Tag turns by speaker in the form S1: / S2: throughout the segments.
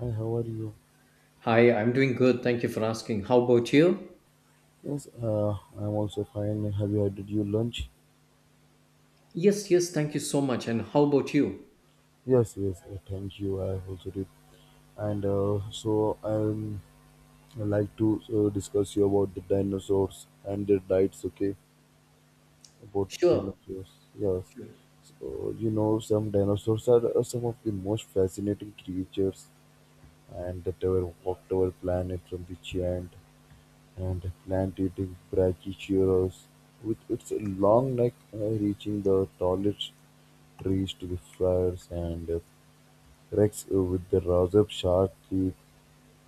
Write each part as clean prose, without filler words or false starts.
S1: Hi, how are you?
S2: Hi, I'm doing good. Thank you for asking. How about you?
S1: Yes, I'm also fine. Have you had your lunch?
S2: Yes, yes, thank you so much. And how about you?
S1: Yes, yes. Thank you. I also did. And so I'd like to discuss you about the dinosaurs and their diets. Okay, about the
S2: Sure,
S1: dinosaurs. Yes.
S2: sure.
S1: So you know, some dinosaurs are some of the most fascinating creatures, and that ever walked our planet from the giant and plant-eating "Brachycereus" with its long neck reaching the tallest trees to the fires and rex with the razor sharp teeth.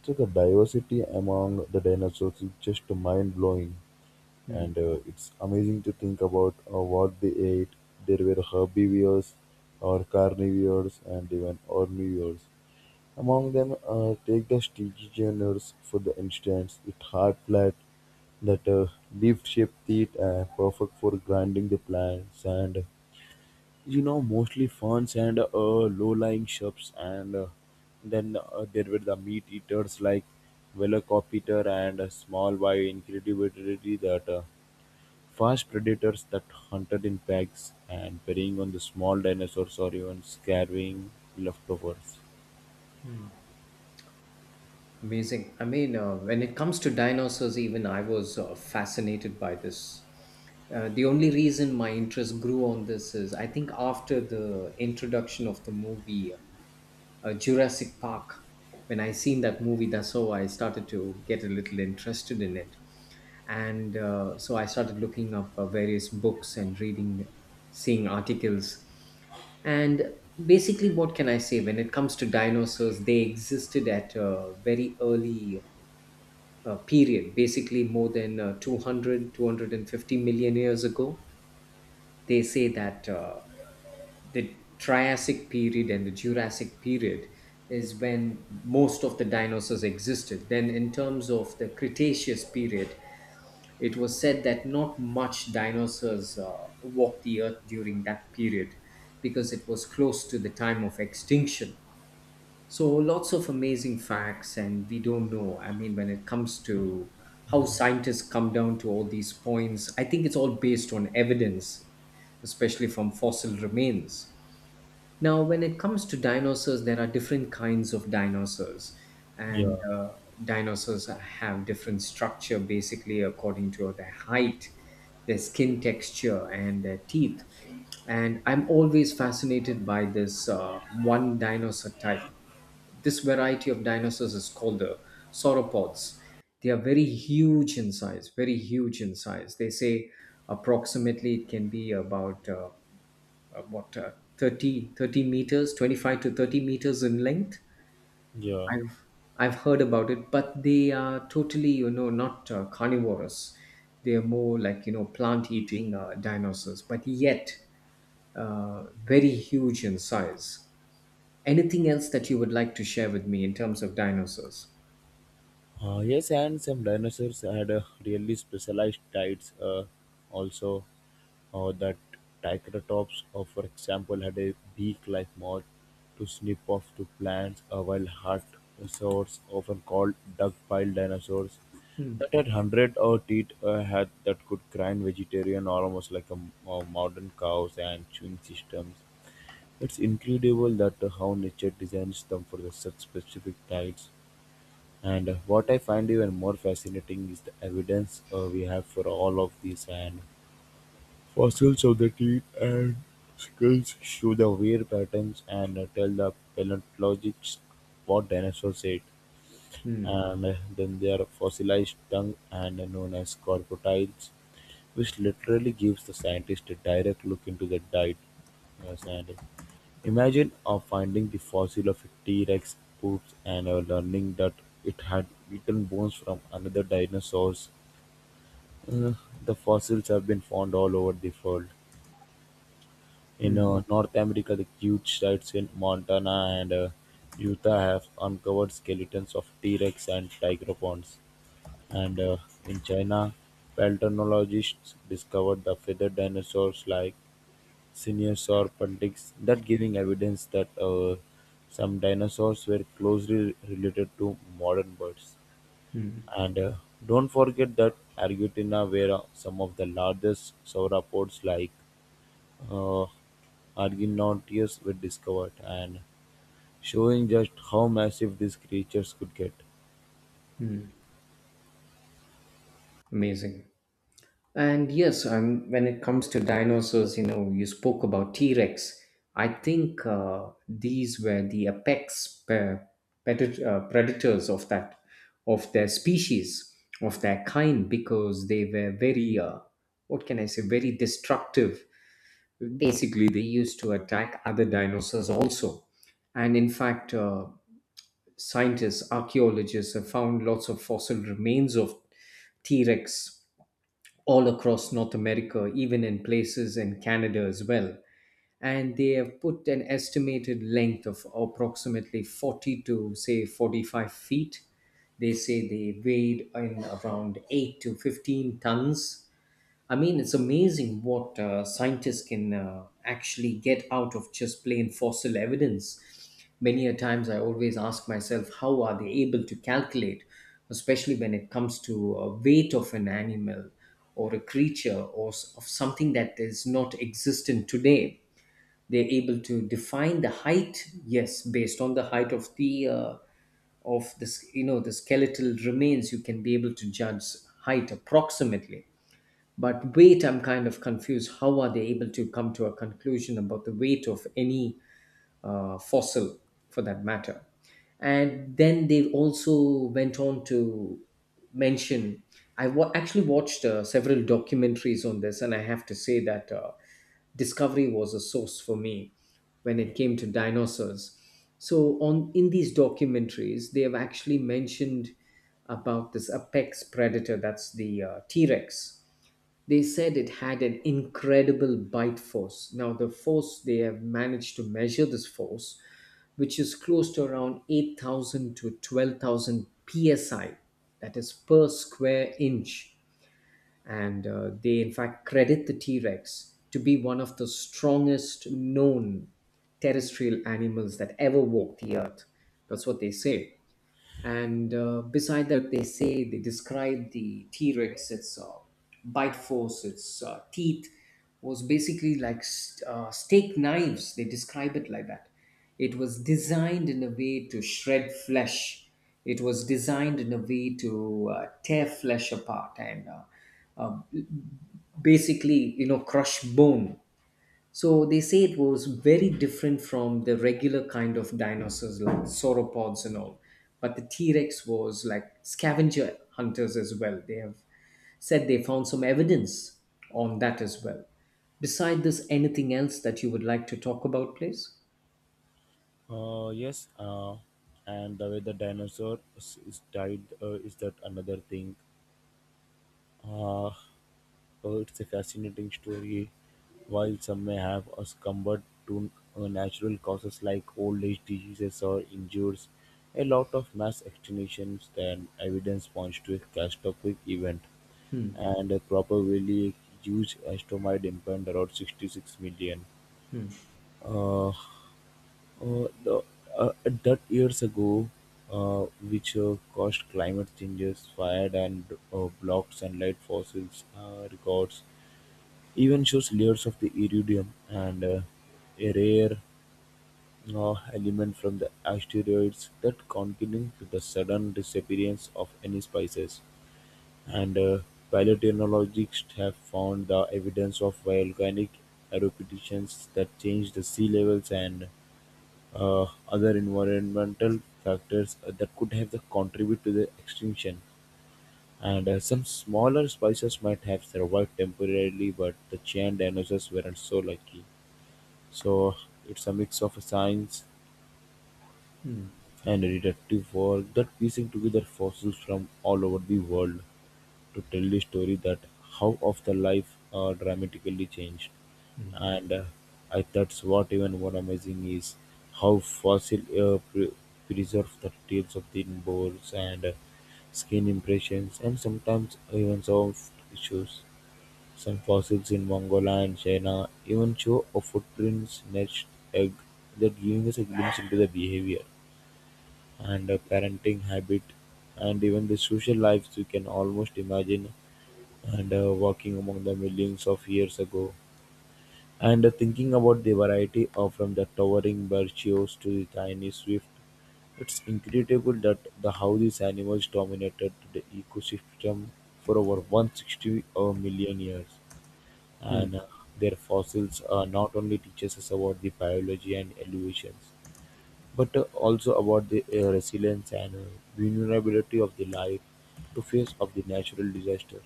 S1: So the diversity among the dinosaurs is just mind blowing,
S2: Hmm.
S1: and it's amazing to think about what they ate. There were herbivores, or carnivores, and even omnivores. Among them take the "Tegdastegionaurus", for the instance, It hard-flat, that leaf-shaped teeth are perfect for grinding the plants and you know mostly ferns and low-lying shrubs and then there were the meat eaters like velociraptor and small by incredibly that fast predators that hunted in packs and preying on the small dinosaurs or even scarving leftovers.
S2: Amazing. I mean, when it comes to dinosaurs, even I was fascinated by this. The only reason my interest grew on this is I think after the introduction of the movie Jurassic Park, when I seen that movie, that's how I started to get a little interested in it. And so I started looking up various books and reading, seeing articles, and basically what can I say? When it comes to dinosaurs, they existed at a very early period, basically more than 200 years ago. They say that the Triassic period and the Jurassic period is when most of the dinosaurs existed. Then in terms of the Cretaceous period, it was said that not much dinosaurs walked the earth during that period because it was close to the time of extinction. So lots of amazing facts, and we don't know. I mean, when it comes to how scientists come down to all these points, I think it's all based on evidence, especially from fossil remains. Now, when it comes to dinosaurs, there are different kinds of dinosaurs,
S1: Yeah,
S2: and dinosaurs have different structure basically according to their height, their skin texture, and their teeth. And I'm always fascinated by this one dinosaur type. This variety of dinosaurs is called the sauropods. They are very huge in size, very huge in size. They say approximately it can be about 30 thirty meters 25 to 30 meters in length.
S1: yeah.
S2: I've i've heard about it, but they are totally, you know, not carnivorous. They are more like, you know, plant eating dinosaurs, but yet very huge in size. Anything else that you would like to share with me in terms of dinosaurs?
S1: Yes, and some dinosaurs had really specialized diets. Also, that Triceratops, for example, had a beak-like mouth to snip off to plants, while hadrosaurs, often called duck-billed dinosaurs,
S2: Hmm.
S1: that had hundred or teeth had that could grind vegetarian almost like a modern cows and chewing systems. It's incredible that how nature designs them for the such specific diets. And what I find even more fascinating is the evidence we have for all of these and fossils of the teeth and skulls show the wear patterns and tell the paleontologists what dinosaurs ate.
S2: Hmm.
S1: And then there are fossilized tongue and known as crocodiles, which literally gives the scientist a direct look into the diet. Yes, and Imagine of finding the fossil of a T-Rex poops and learning that it had eaten bones from another dinosaur. Uh, the fossils have been found all over the world. In
S2: Hmm.
S1: North America, the huge sites in Montana and Utah have uncovered skeletons of T-Rex and tigeropons. And in China, paleontologists discovered the feathered dinosaurs like seniors or pundits that giving evidence that some dinosaurs were closely related to modern birds. And don't forget that Argentina were some of the largest sauropods like uh, Argonauts were discovered and showing just how massive these creatures could get.
S2: Amazing. And yes, when it comes to dinosaurs, you know, you spoke about T Rex. I think these were the apex predators of that, of their species, of their kind, because they were very, what can I say, very destructive. Basically, they used to attack other dinosaurs also. And in fact, scientists, archaeologists have found lots of fossil remains of T Rex all across North America, even in places in Canada as well. And they have put an estimated length of approximately 40 to say 45 feet. They say they weighed in around 8 to 15 tons. I mean, it's amazing what scientists can actually get out of just plain fossil evidence. Many a times I always ask myself, how are they able to calculate, especially when it comes to weight of an animal or a creature of something that is not existent today? They're able to define the height, yes, based on the height of the of this, you know, the skeletal remains. You can be able to judge height approximately, but weight, I'm kind of confused. How are they able to come to a conclusion about the weight of any fossil, for that matter? And then they also went on to mention, I actually watched several documentaries on this, and I have to say that Discovery was a source for me when it
S1: Yeah.
S2: came to dinosaurs. So, on in these documentaries, they have actually mentioned about this apex predator, that's the T Rex. They said it had an incredible bite force. Now, the force they have managed to measure this force, which is close to around 8,000 to 12,000 psi, that is per square inch. And they, in fact, credit the T Rex to be one of the strongest known terrestrial animals that ever walked the earth. That's what they say. And beside that, they say they describe the T Rex, its bite force, its teeth was basically like steak knives. They describe it like that. It was designed in a way to shred flesh, it was designed in a way to tear flesh apart and uh, basically, you know, crush bone. So they say it was very different from the regular kind of dinosaurs like sauropods and all. But the T Rex was like scavenger hunters as well. They have said they found some evidence on that as well. Beside this, anything else that you would like to talk about, please?
S1: Yes. And the way the dinosaur is died is that another thing. Uh, Oh, it's a fascinating story. While some may have succumbed to natural causes like old age diseases or injuries, a lot of mass extinctions and evidence points to a catastrophic event, and a probably a huge asteroid impact around 66 million. Uh, the, that years ago, uh, which caused climate changes, fire, and blocked sunlight fossils records even shows layers of the iridium and a rare element from the asteroids that contribute to the sudden disappearance of any species. And paleontologists have found the evidence of volcanic eruptions that change the sea levels and other environmental factors that could have the contribute to the extinction. And some smaller species might have survived temporarily, but the giant dinosaurs weren't so lucky. So it's a mix of science and detective work that piecing together fossils from all over the world to tell the story that how of the life dramatically changed. And I that's what even more amazing is how fossil preserve the details of the bones and skin impressions and sometimes even soft tissues. Some fossils in Mongolia and China even show a footprint nest egg that giving us a glimpse into the behavior and parenting habit and even the social lives we can almost imagine and walking among the millions of years ago and thinking about the variety of from the towering birchios to the tiny swift it's incredible that the how these animals dominated the ecosystem for over 160 million years
S2: Hmm.
S1: and their fossils not only teaches us about the biology and evolutions but also about the resilience and vulnerability of the life to face of the natural disaster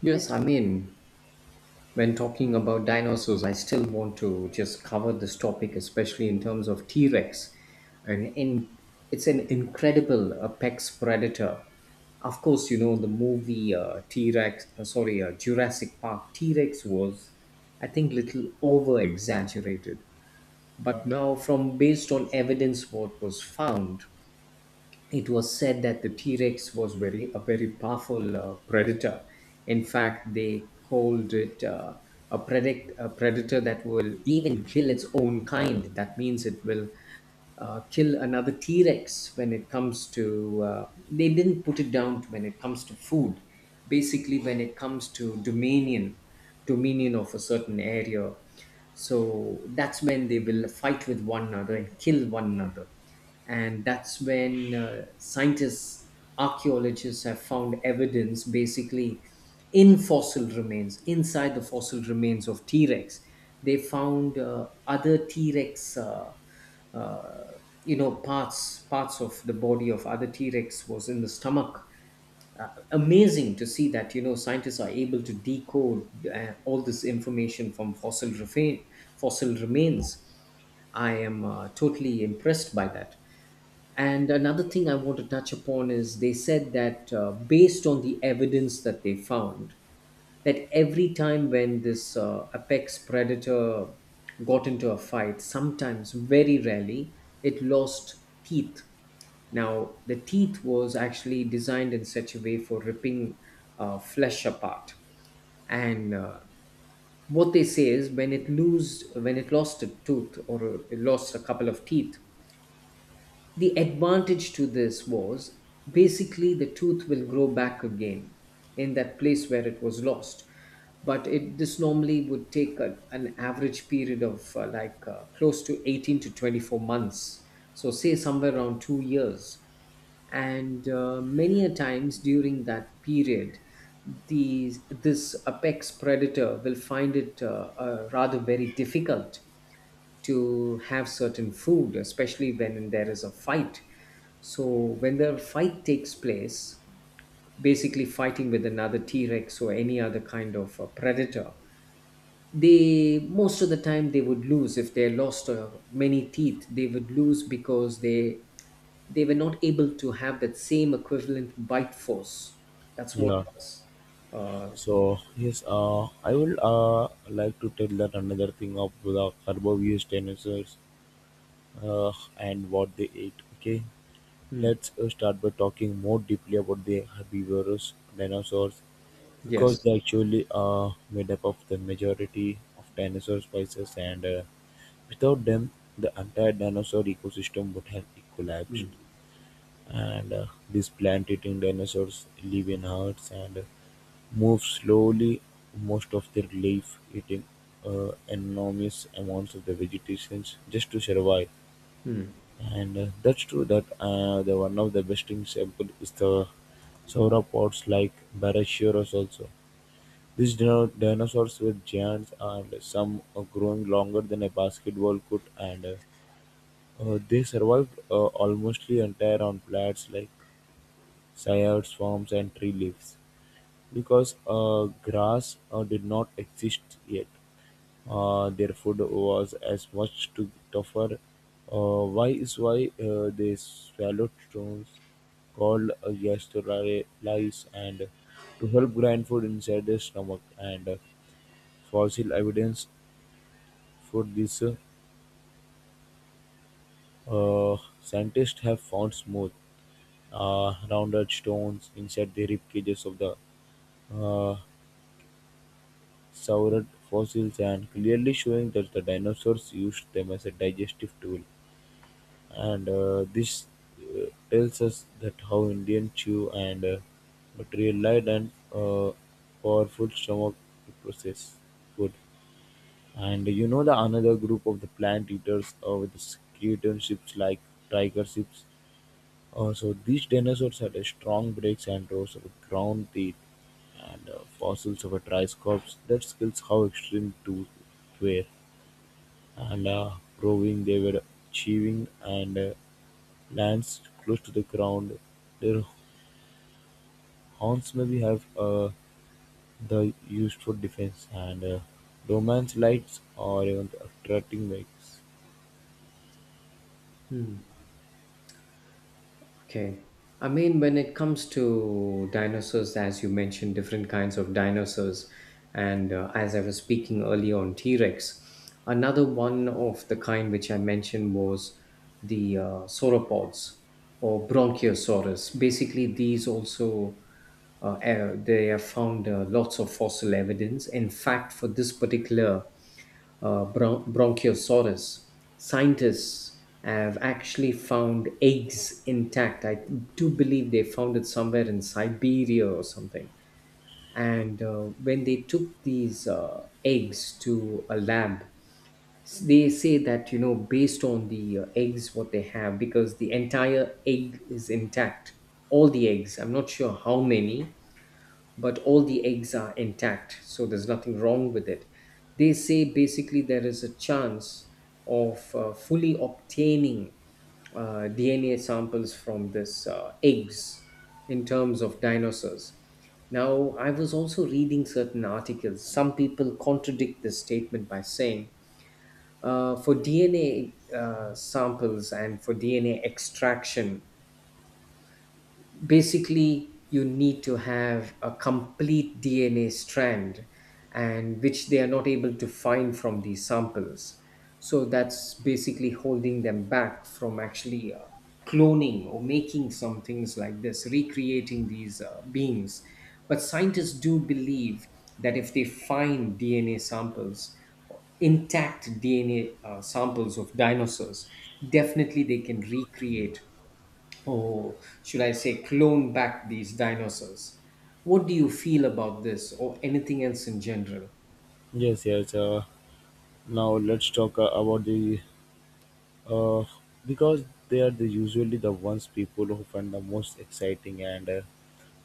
S2: Yes, I mean, when talking about dinosaurs, I still want to just cover this topic, especially in terms of T Rex. And in, it's an incredible apex predator. Of course, you know, the movie Jurassic Park, T Rex was, I think, little over exaggerated. But now, from based on evidence, what was found, it was said that the T-Rex was very a very powerful predator. In fact, they called it a predator that will even kill its own kind. That means it will kill another T-Rex when it comes to. They didn't put it down to when it comes to food. Basically, when it comes to dominion, dominion of a certain area, so that's when they will fight with one another and kill one another. And that's when scientists, archaeologists have found evidence basically in fossil remains. Inside the fossil remains of T-Rex, they found other T-Rex, uh, you know, parts of the body of other T-Rex was in the stomach. Amazing to see that, you know, scientists are able to decode all this information from fossil remains. I am totally impressed by that. And another thing I want to touch upon is they said that based on the evidence that they found, that every time when this apex predator got into a fight, sometimes very rarely, it lost teeth. Now, the teeth was actually designed in such a way for ripping flesh apart. And what they say is, when it lost a tooth or it lost a couple of teeth, the advantage to this was basically the tooth will grow back again in that place where it was lost. But it this normally would take an average period of close to 18 to 24 months. So say somewhere around 2 years. And many a times during that period, these this apex predator will find it rather very difficult to have certain food, especially when there is a fight. So when the fight takes place, basically fighting with another T-Rex or any other kind of predator, they, most of the time they would lose. If they lost many teeth, they would lose because they were not able to have that same equivalent bite force. That's what.
S1: yeah
S2: Uh,
S1: so yes I will like to tell that another thing of the herbivorous dinosaurs uh, and what they ate okay
S2: mm,
S1: let's start by talking more deeply about the herbivorous dinosaurs. Because
S2: yes.
S1: they actually are made up of the majority of dinosaur species and without them the entire dinosaur ecosystem would have collapsed.
S2: Mm.
S1: And these plant-eating dinosaurs live in herds and move slowly most of their life eating enormous amounts of the vegetation just to survive.
S2: Mm.
S1: And that's true that the one of the best example is the sauropods like Brachiosaurus also. These dinosaurs were giants and some growing longer than a basketball could, and they survived almost the entire on plants like cycads, forms and tree leaves because grass did not exist yet. Their food was as much to tougher. Why is why they swallowed stones called gastrolice and to help grind food inside their stomach and Fossil evidence for these scientists have found smooth, rounded stones inside the rib cages of the uh, saurid fossils and clearly showing that the dinosaurs used them as a digestive tool. And this tells us that how Indian chew and materialized and powerful stomach to process food. And you know the another group of the plant eaters with the skeleton ships like tiger ships. So these dinosaurs had a strong breaks and rows of ground teeth and fossils of a triceratops that skills how extreme tooth were and proving they were achieving and lands close to the ground. Their horns maybe have the used for defense and romance lights or even attracting makes.
S2: Okay. I mean, when it comes to dinosaurs, as you mentioned, different kinds of dinosaurs, and as I was speaking earlier on T Rex, another one of the kind which I mentioned was the sauropods or Bronchiosaurus. Basically, these also they have found lots of fossil evidence. In fact, for this particular Bronchiosaurus, scientists have actually found eggs intact. I do believe they found it somewhere in Siberia or something. And when they took these eggs to a lab, they say that, you know, based on the eggs, what they have, because the entire egg is intact, all the eggs, I'm not sure how many, but all the eggs are intact, so there's nothing wrong with it. They say basically there is a chance of fully obtaining DNA samples from this eggs in terms of dinosaurs. Now, I was also reading certain articles. Some people contradict this statement by saying for DNA samples and for DNA extraction, basically you need to have a complete DNA strand, and which they are not able to find from these samples. So that's basically holding them back from actually cloning or making some things like this, recreating these beings. But scientists do believe that if they find DNA samples, intact DNA samples of dinosaurs, definitely they can recreate, or should I say, clone back these dinosaurs. What do you feel about this or anything else in general?
S1: Yes, yes. Now let's talk about the uh, because they are the usually the ones people who find the most exciting and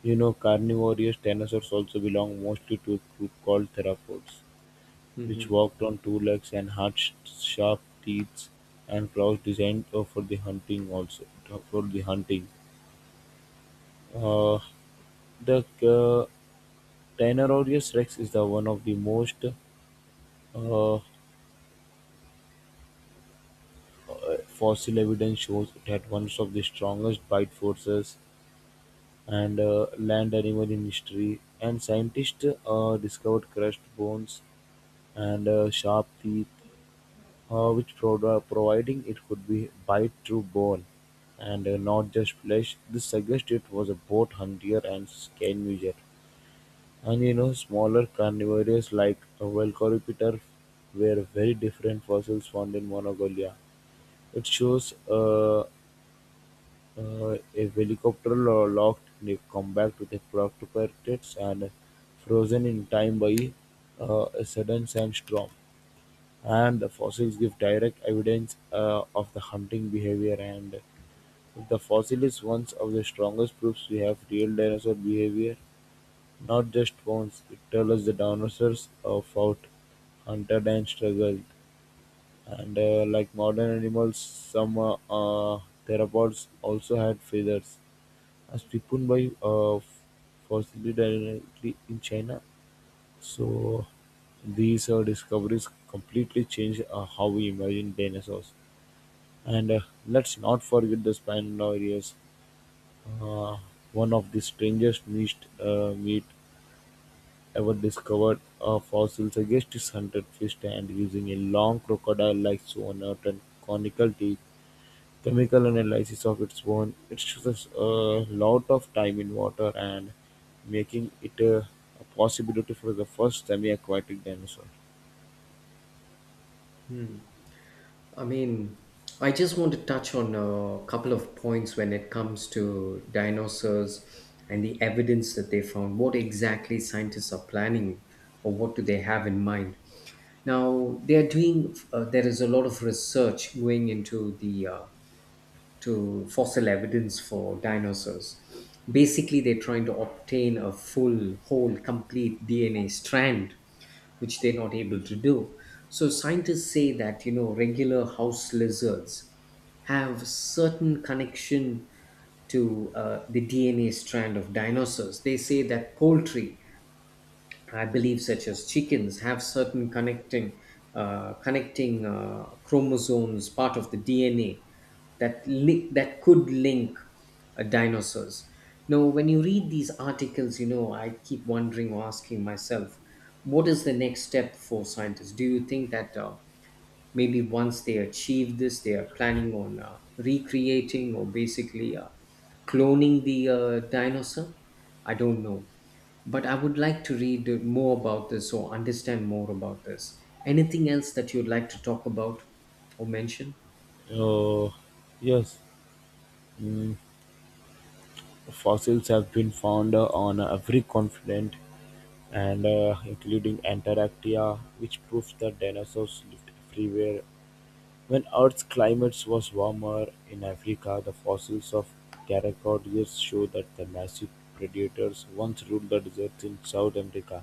S1: you know carnivorous dinosaurs also belong mostly to a group called theropods, which
S2: Hmm.
S1: walked on two legs and had sharp teeth and claws designed for the hunting also for the hunting. Uh, the uh, Tyrannosaurus rex is the one of the most uh, uh, fossil evidence shows it had one of the strongest bite forces and land animal in history. And scientists discovered crushed bones and sharp teeth, which providing it could be bite through bone and not just flesh. This suggests it was a both hunter and scavenger. And you know, smaller carnivores like a Velociraptor were very different fossils found in Mongolia. It shows A helicopter locked in a combat with a parachutes and frozen in time by a sudden sandstorm, and the fossils give direct evidence of the hunting behavior. And if the fossil is one of the strongest proofs we have real dinosaur behavior, not just bones, it tells us the dinosaurs fought, hunted, and struggled. And like modern animals, some theropods also had feathers, as proven by fossil directly in China. So these discoveries completely changed how we imagine dinosaurs. And let's not forget the Spinosaurus, uh, one of the strangest meat ever discovered. A fossil suggests it hunted fish and using a long crocodile-like snout and conical teeth. Chemical analysis of its own expresses a lot of time in water and making it a possibility for the first semi-aquatic dinosaur.
S2: I mean, I just want to touch on a couple of points when it comes to dinosaurs and the evidence that they found. What exactly scientists are planning or what do they have in mind? Now, they're doing, there is a lot of research going into the to fossil evidence for dinosaurs. Basically, they're trying to obtain a full, whole, complete DNA strand, which they're not able to do. So, scientists say that, you know, regular house lizards have certain connection to the DNA strand of dinosaurs. They say that poultry, I believe, such as chickens, have certain connecting chromosomes, part of the DNA that link that could link dinosaurs. Now, when you read these articles, you know I keep wondering or asking myself, what is the next step for scientists? Do you think that maybe once they achieve this, they are planning on recreating or basically cloning the dinosaur? I don't know, but I would like to read more about this or understand more about this. Anything else that you'd like to talk about or mention?
S1: Uh, yes, mm, fossils have been found on every continent and including Antarctica, which proves that dinosaurs lived everywhere When Earth's climate was warmer in Africa, the fossils of pteropods show that the massive predators once ruled the deserts in South America,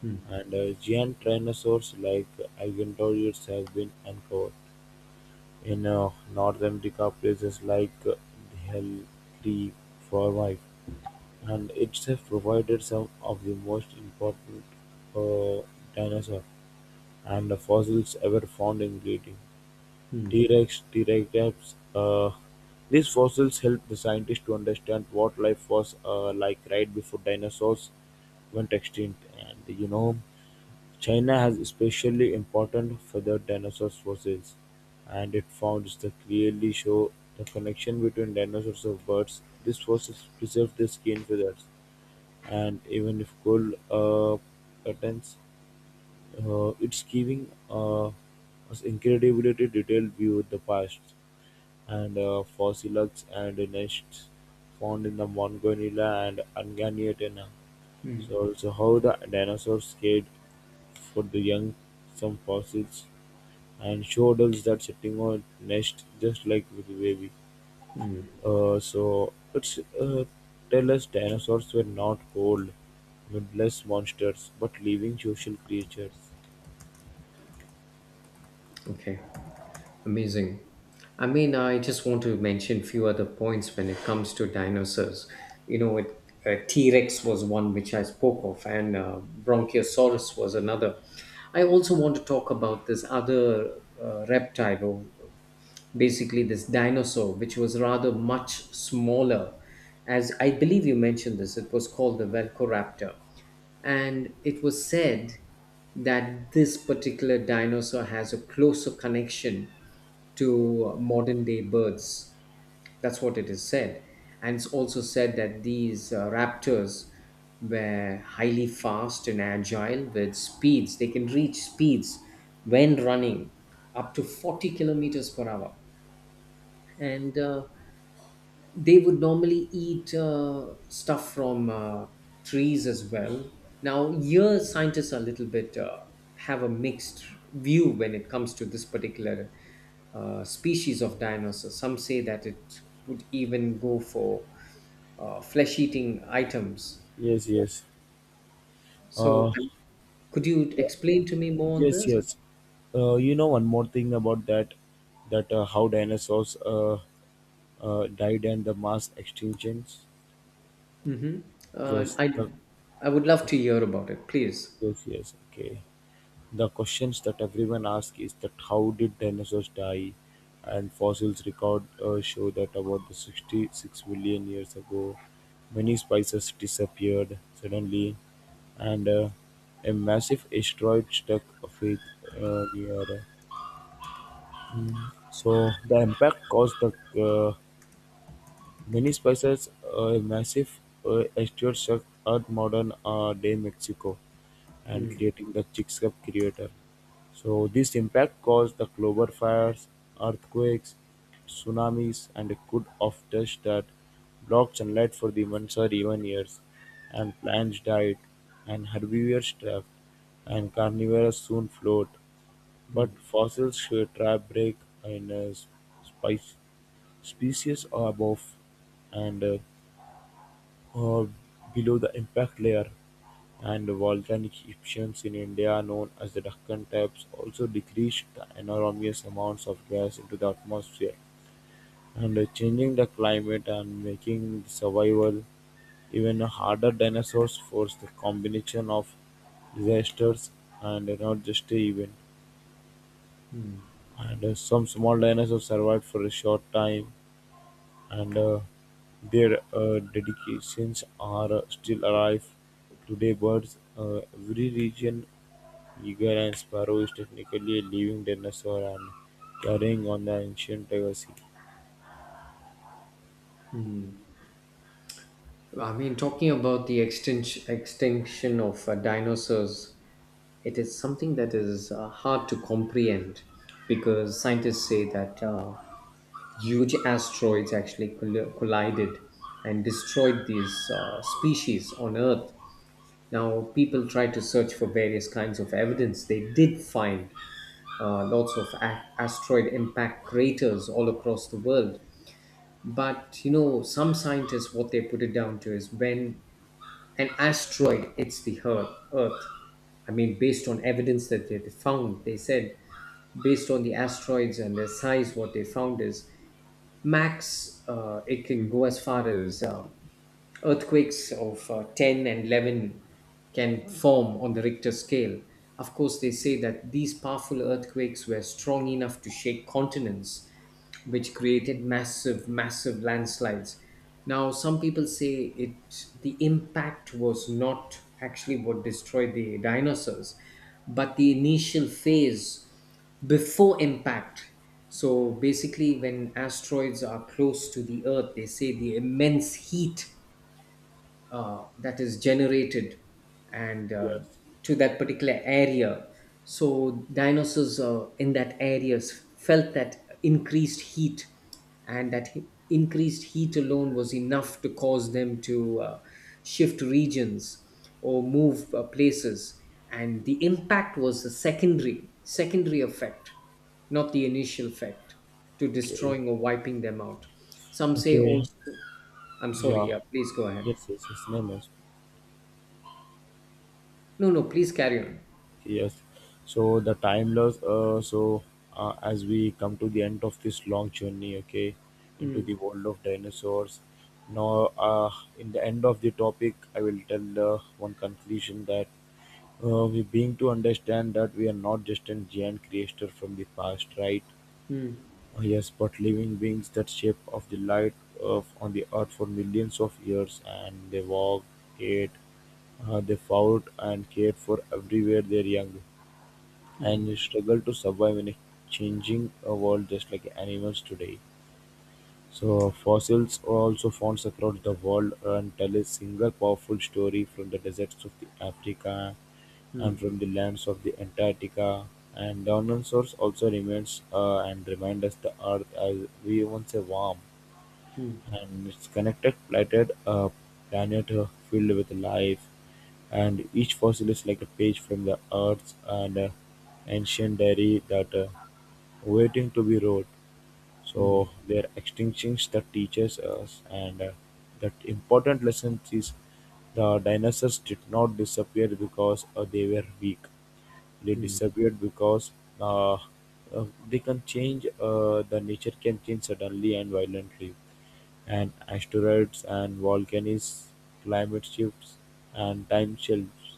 S2: Hmm.
S1: and giant dinosaurs like Agenodorus have been uncovered. In North America, places like Heliothriformes, and it's itself provided some of the most important uh, dinosaur and fossils ever found in Britain.
S2: Hmm.
S1: "T-rex", "Pterodactyls", these fossils help the scientists to understand what life was like right before dinosaurs went extinct. And you know, China has especially important feathered dinosaur fossils, and its founds that clearly show the connection between dinosaurs and birds. These fossils preserve their skin feathers, and even if cold patterns, it's giving us incredibly detailed view of the past and fossils and nests found in the Mongolia and Argentina.
S2: Hmm.
S1: So also how the dinosaurs cared for the young, some fossils, and showed us that sitting on nest just like with the baby. So it's tell us dinosaurs were not cold, mindless monsters, but living social creatures.
S2: Okay, amazing. I mean, I just want to mention few other points when it comes to dinosaurs. You know, it, T Rex was one which I spoke of, and Bronchiosaurus was another. I also want to talk about this other reptile or basically this dinosaur, which was rather much smaller. As I believe you mentioned this, it was called the Velociraptor. And it was said that this particular dinosaur has a closer connection to modern day birds. That's what it is said. And it's also said that these raptors were highly fast and agile with speeds. They can reach speeds when running up to 40 kilometers per hour. And they would normally eat stuff from trees as well. Now, here scientists are a little bit have a mixed view when it comes to this particular species of dinosaur. Some say that it would even go for flesh-eating items.
S1: Yes, yes.
S2: So,
S1: Uh,
S2: could you explain to me more on
S1: Yes,
S2: this?
S1: yes. You know one more thing about that, that how dinosaurs died and the mass extinctions.
S2: Hmm. Uh,
S1: Just
S2: I
S1: the
S2: I would love to hear about it, please.
S1: Yes, yes, okay. The questions that everyone asks is that how did dinosaurs die, and fossils record show that about the 66 million years ago, many species disappeared suddenly, and a massive asteroid struck a faith near So the impact caused the uh, many species a massive exterior shock at modern day Mexico and creating the Chicxulub crater. So this impact caused the global fires, earthquakes, tsunamis, and a could of dust that blocked sunlight for the months or even years, and plants died, and herbivores thrived, and carnivores soon flowed, but
S2: Mm-hmm.
S1: fossils show trap break in spice species are above and or below the impact layer, and volcanic eruptions in India, known as the Deccan types, also decreased the enormous amounts of gas into the atmosphere and, changing the climate and making the survival even harder. Dinosaurs forced the combination of disasters and not just a event. And some small dinosaurs survived for a short time, and their dedications are still alive today. Birds, every region eagle and sparrow is technically a living dinosaur and carrying on the ancient legacy.
S2: I mean, talking about the extinction of dinosaurs, it is something that is hard to comprehend because scientists say that huge asteroids actually collided and destroyed these species on Earth. Now, people try to search for various kinds of evidence. They did find lots of asteroid impact craters all across the world. But you know, some scientists, what they put it down to is when an asteroid its the Earth. Earth. I mean, based on evidence that they found, they said based on the asteroids and their size, what they found is max, it can go as far as earthquakes of 10 and 11 can form on the Richter scale. Of course, they say that these powerful earthquakes were strong enough to shake continents, which created massive, massive landslides. Now, some people say it the impact was not actually what destroyed the dinosaurs, but the initial phase before impact. So basically, when asteroids are close to the Earth, they say the immense heat that is generated and
S1: Yes.
S2: to that particular area. So dinosaurs in that areas felt that increased heat, and increased heat alone was enough to cause them to shift regions or move places. And the impact was a secondary effect, not the initial effect, to
S1: Okay.
S2: destroying or wiping them out. Some say
S1: Okay.
S2: also. I'm sorry.
S1: Yeah,
S2: Yeah, please go ahead.
S1: yes, yes, yes, no, no.
S2: No, no, please carry on.
S1: Yes. So the time loss. As we come to the end of this long journey, okay, into
S2: Hmm.
S1: the world of dinosaurs. Now, in the end of the topic, I will tell one conclusion that we being to understand that we are not just a giant creature from the past, right?
S2: Hmm.
S1: Yes, but living beings that shape of the light of on the earth for millions of years, and they walk, ate, they fought and cared for everywhere their young,
S2: Hmm.
S1: and they struggle to survive in a changing world just like animals today. So fossils are also found across the world and tell a single powerful story from the deserts of the Africa
S2: Hmm.
S1: and from the lands of the Antarctica. And dinosaurs also remains, and remind us the earth as we once a warm
S2: Hmm.
S1: and it's connected planet, a planet filled with life, and each fossil is like a page from the earth's and, ancient diary that, waiting to be wrote. So
S2: Hmm.
S1: there are extinctions that teaches us, and that important lesson is the dinosaurs did not disappear because they were weak. They
S2: Hmm.
S1: disappeared because they can change. The nature can change suddenly and violently. And asteroids and volcanoes, climate shifts, and time shelves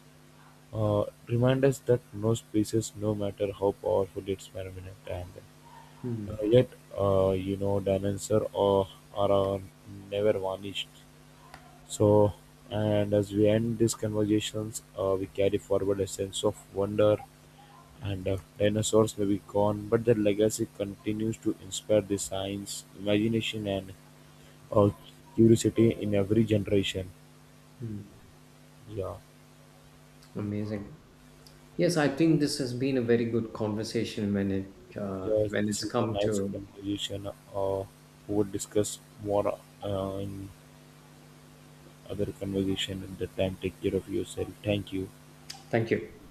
S1: remind us that no species, no matter how powerful its permanent and
S2: Hmm.
S1: uh, yet, you know, dinosaur or are uh, never vanished. So, and as we end these conversations, we carry forward a sense of wonder. And dinosaurs may be gone, but their legacy continues to inspire the science, imagination, and uh, curiosity in every generation. Yeah,
S2: Amazing. Yes, I think this has been a very good conversation when it
S1: yeah.
S2: when
S1: This
S2: it's
S1: is a
S2: come
S1: nice
S2: to.
S1: conversation. We would discuss more in other conversation at the time. Take care of yourself. Thank you.
S2: Thank you.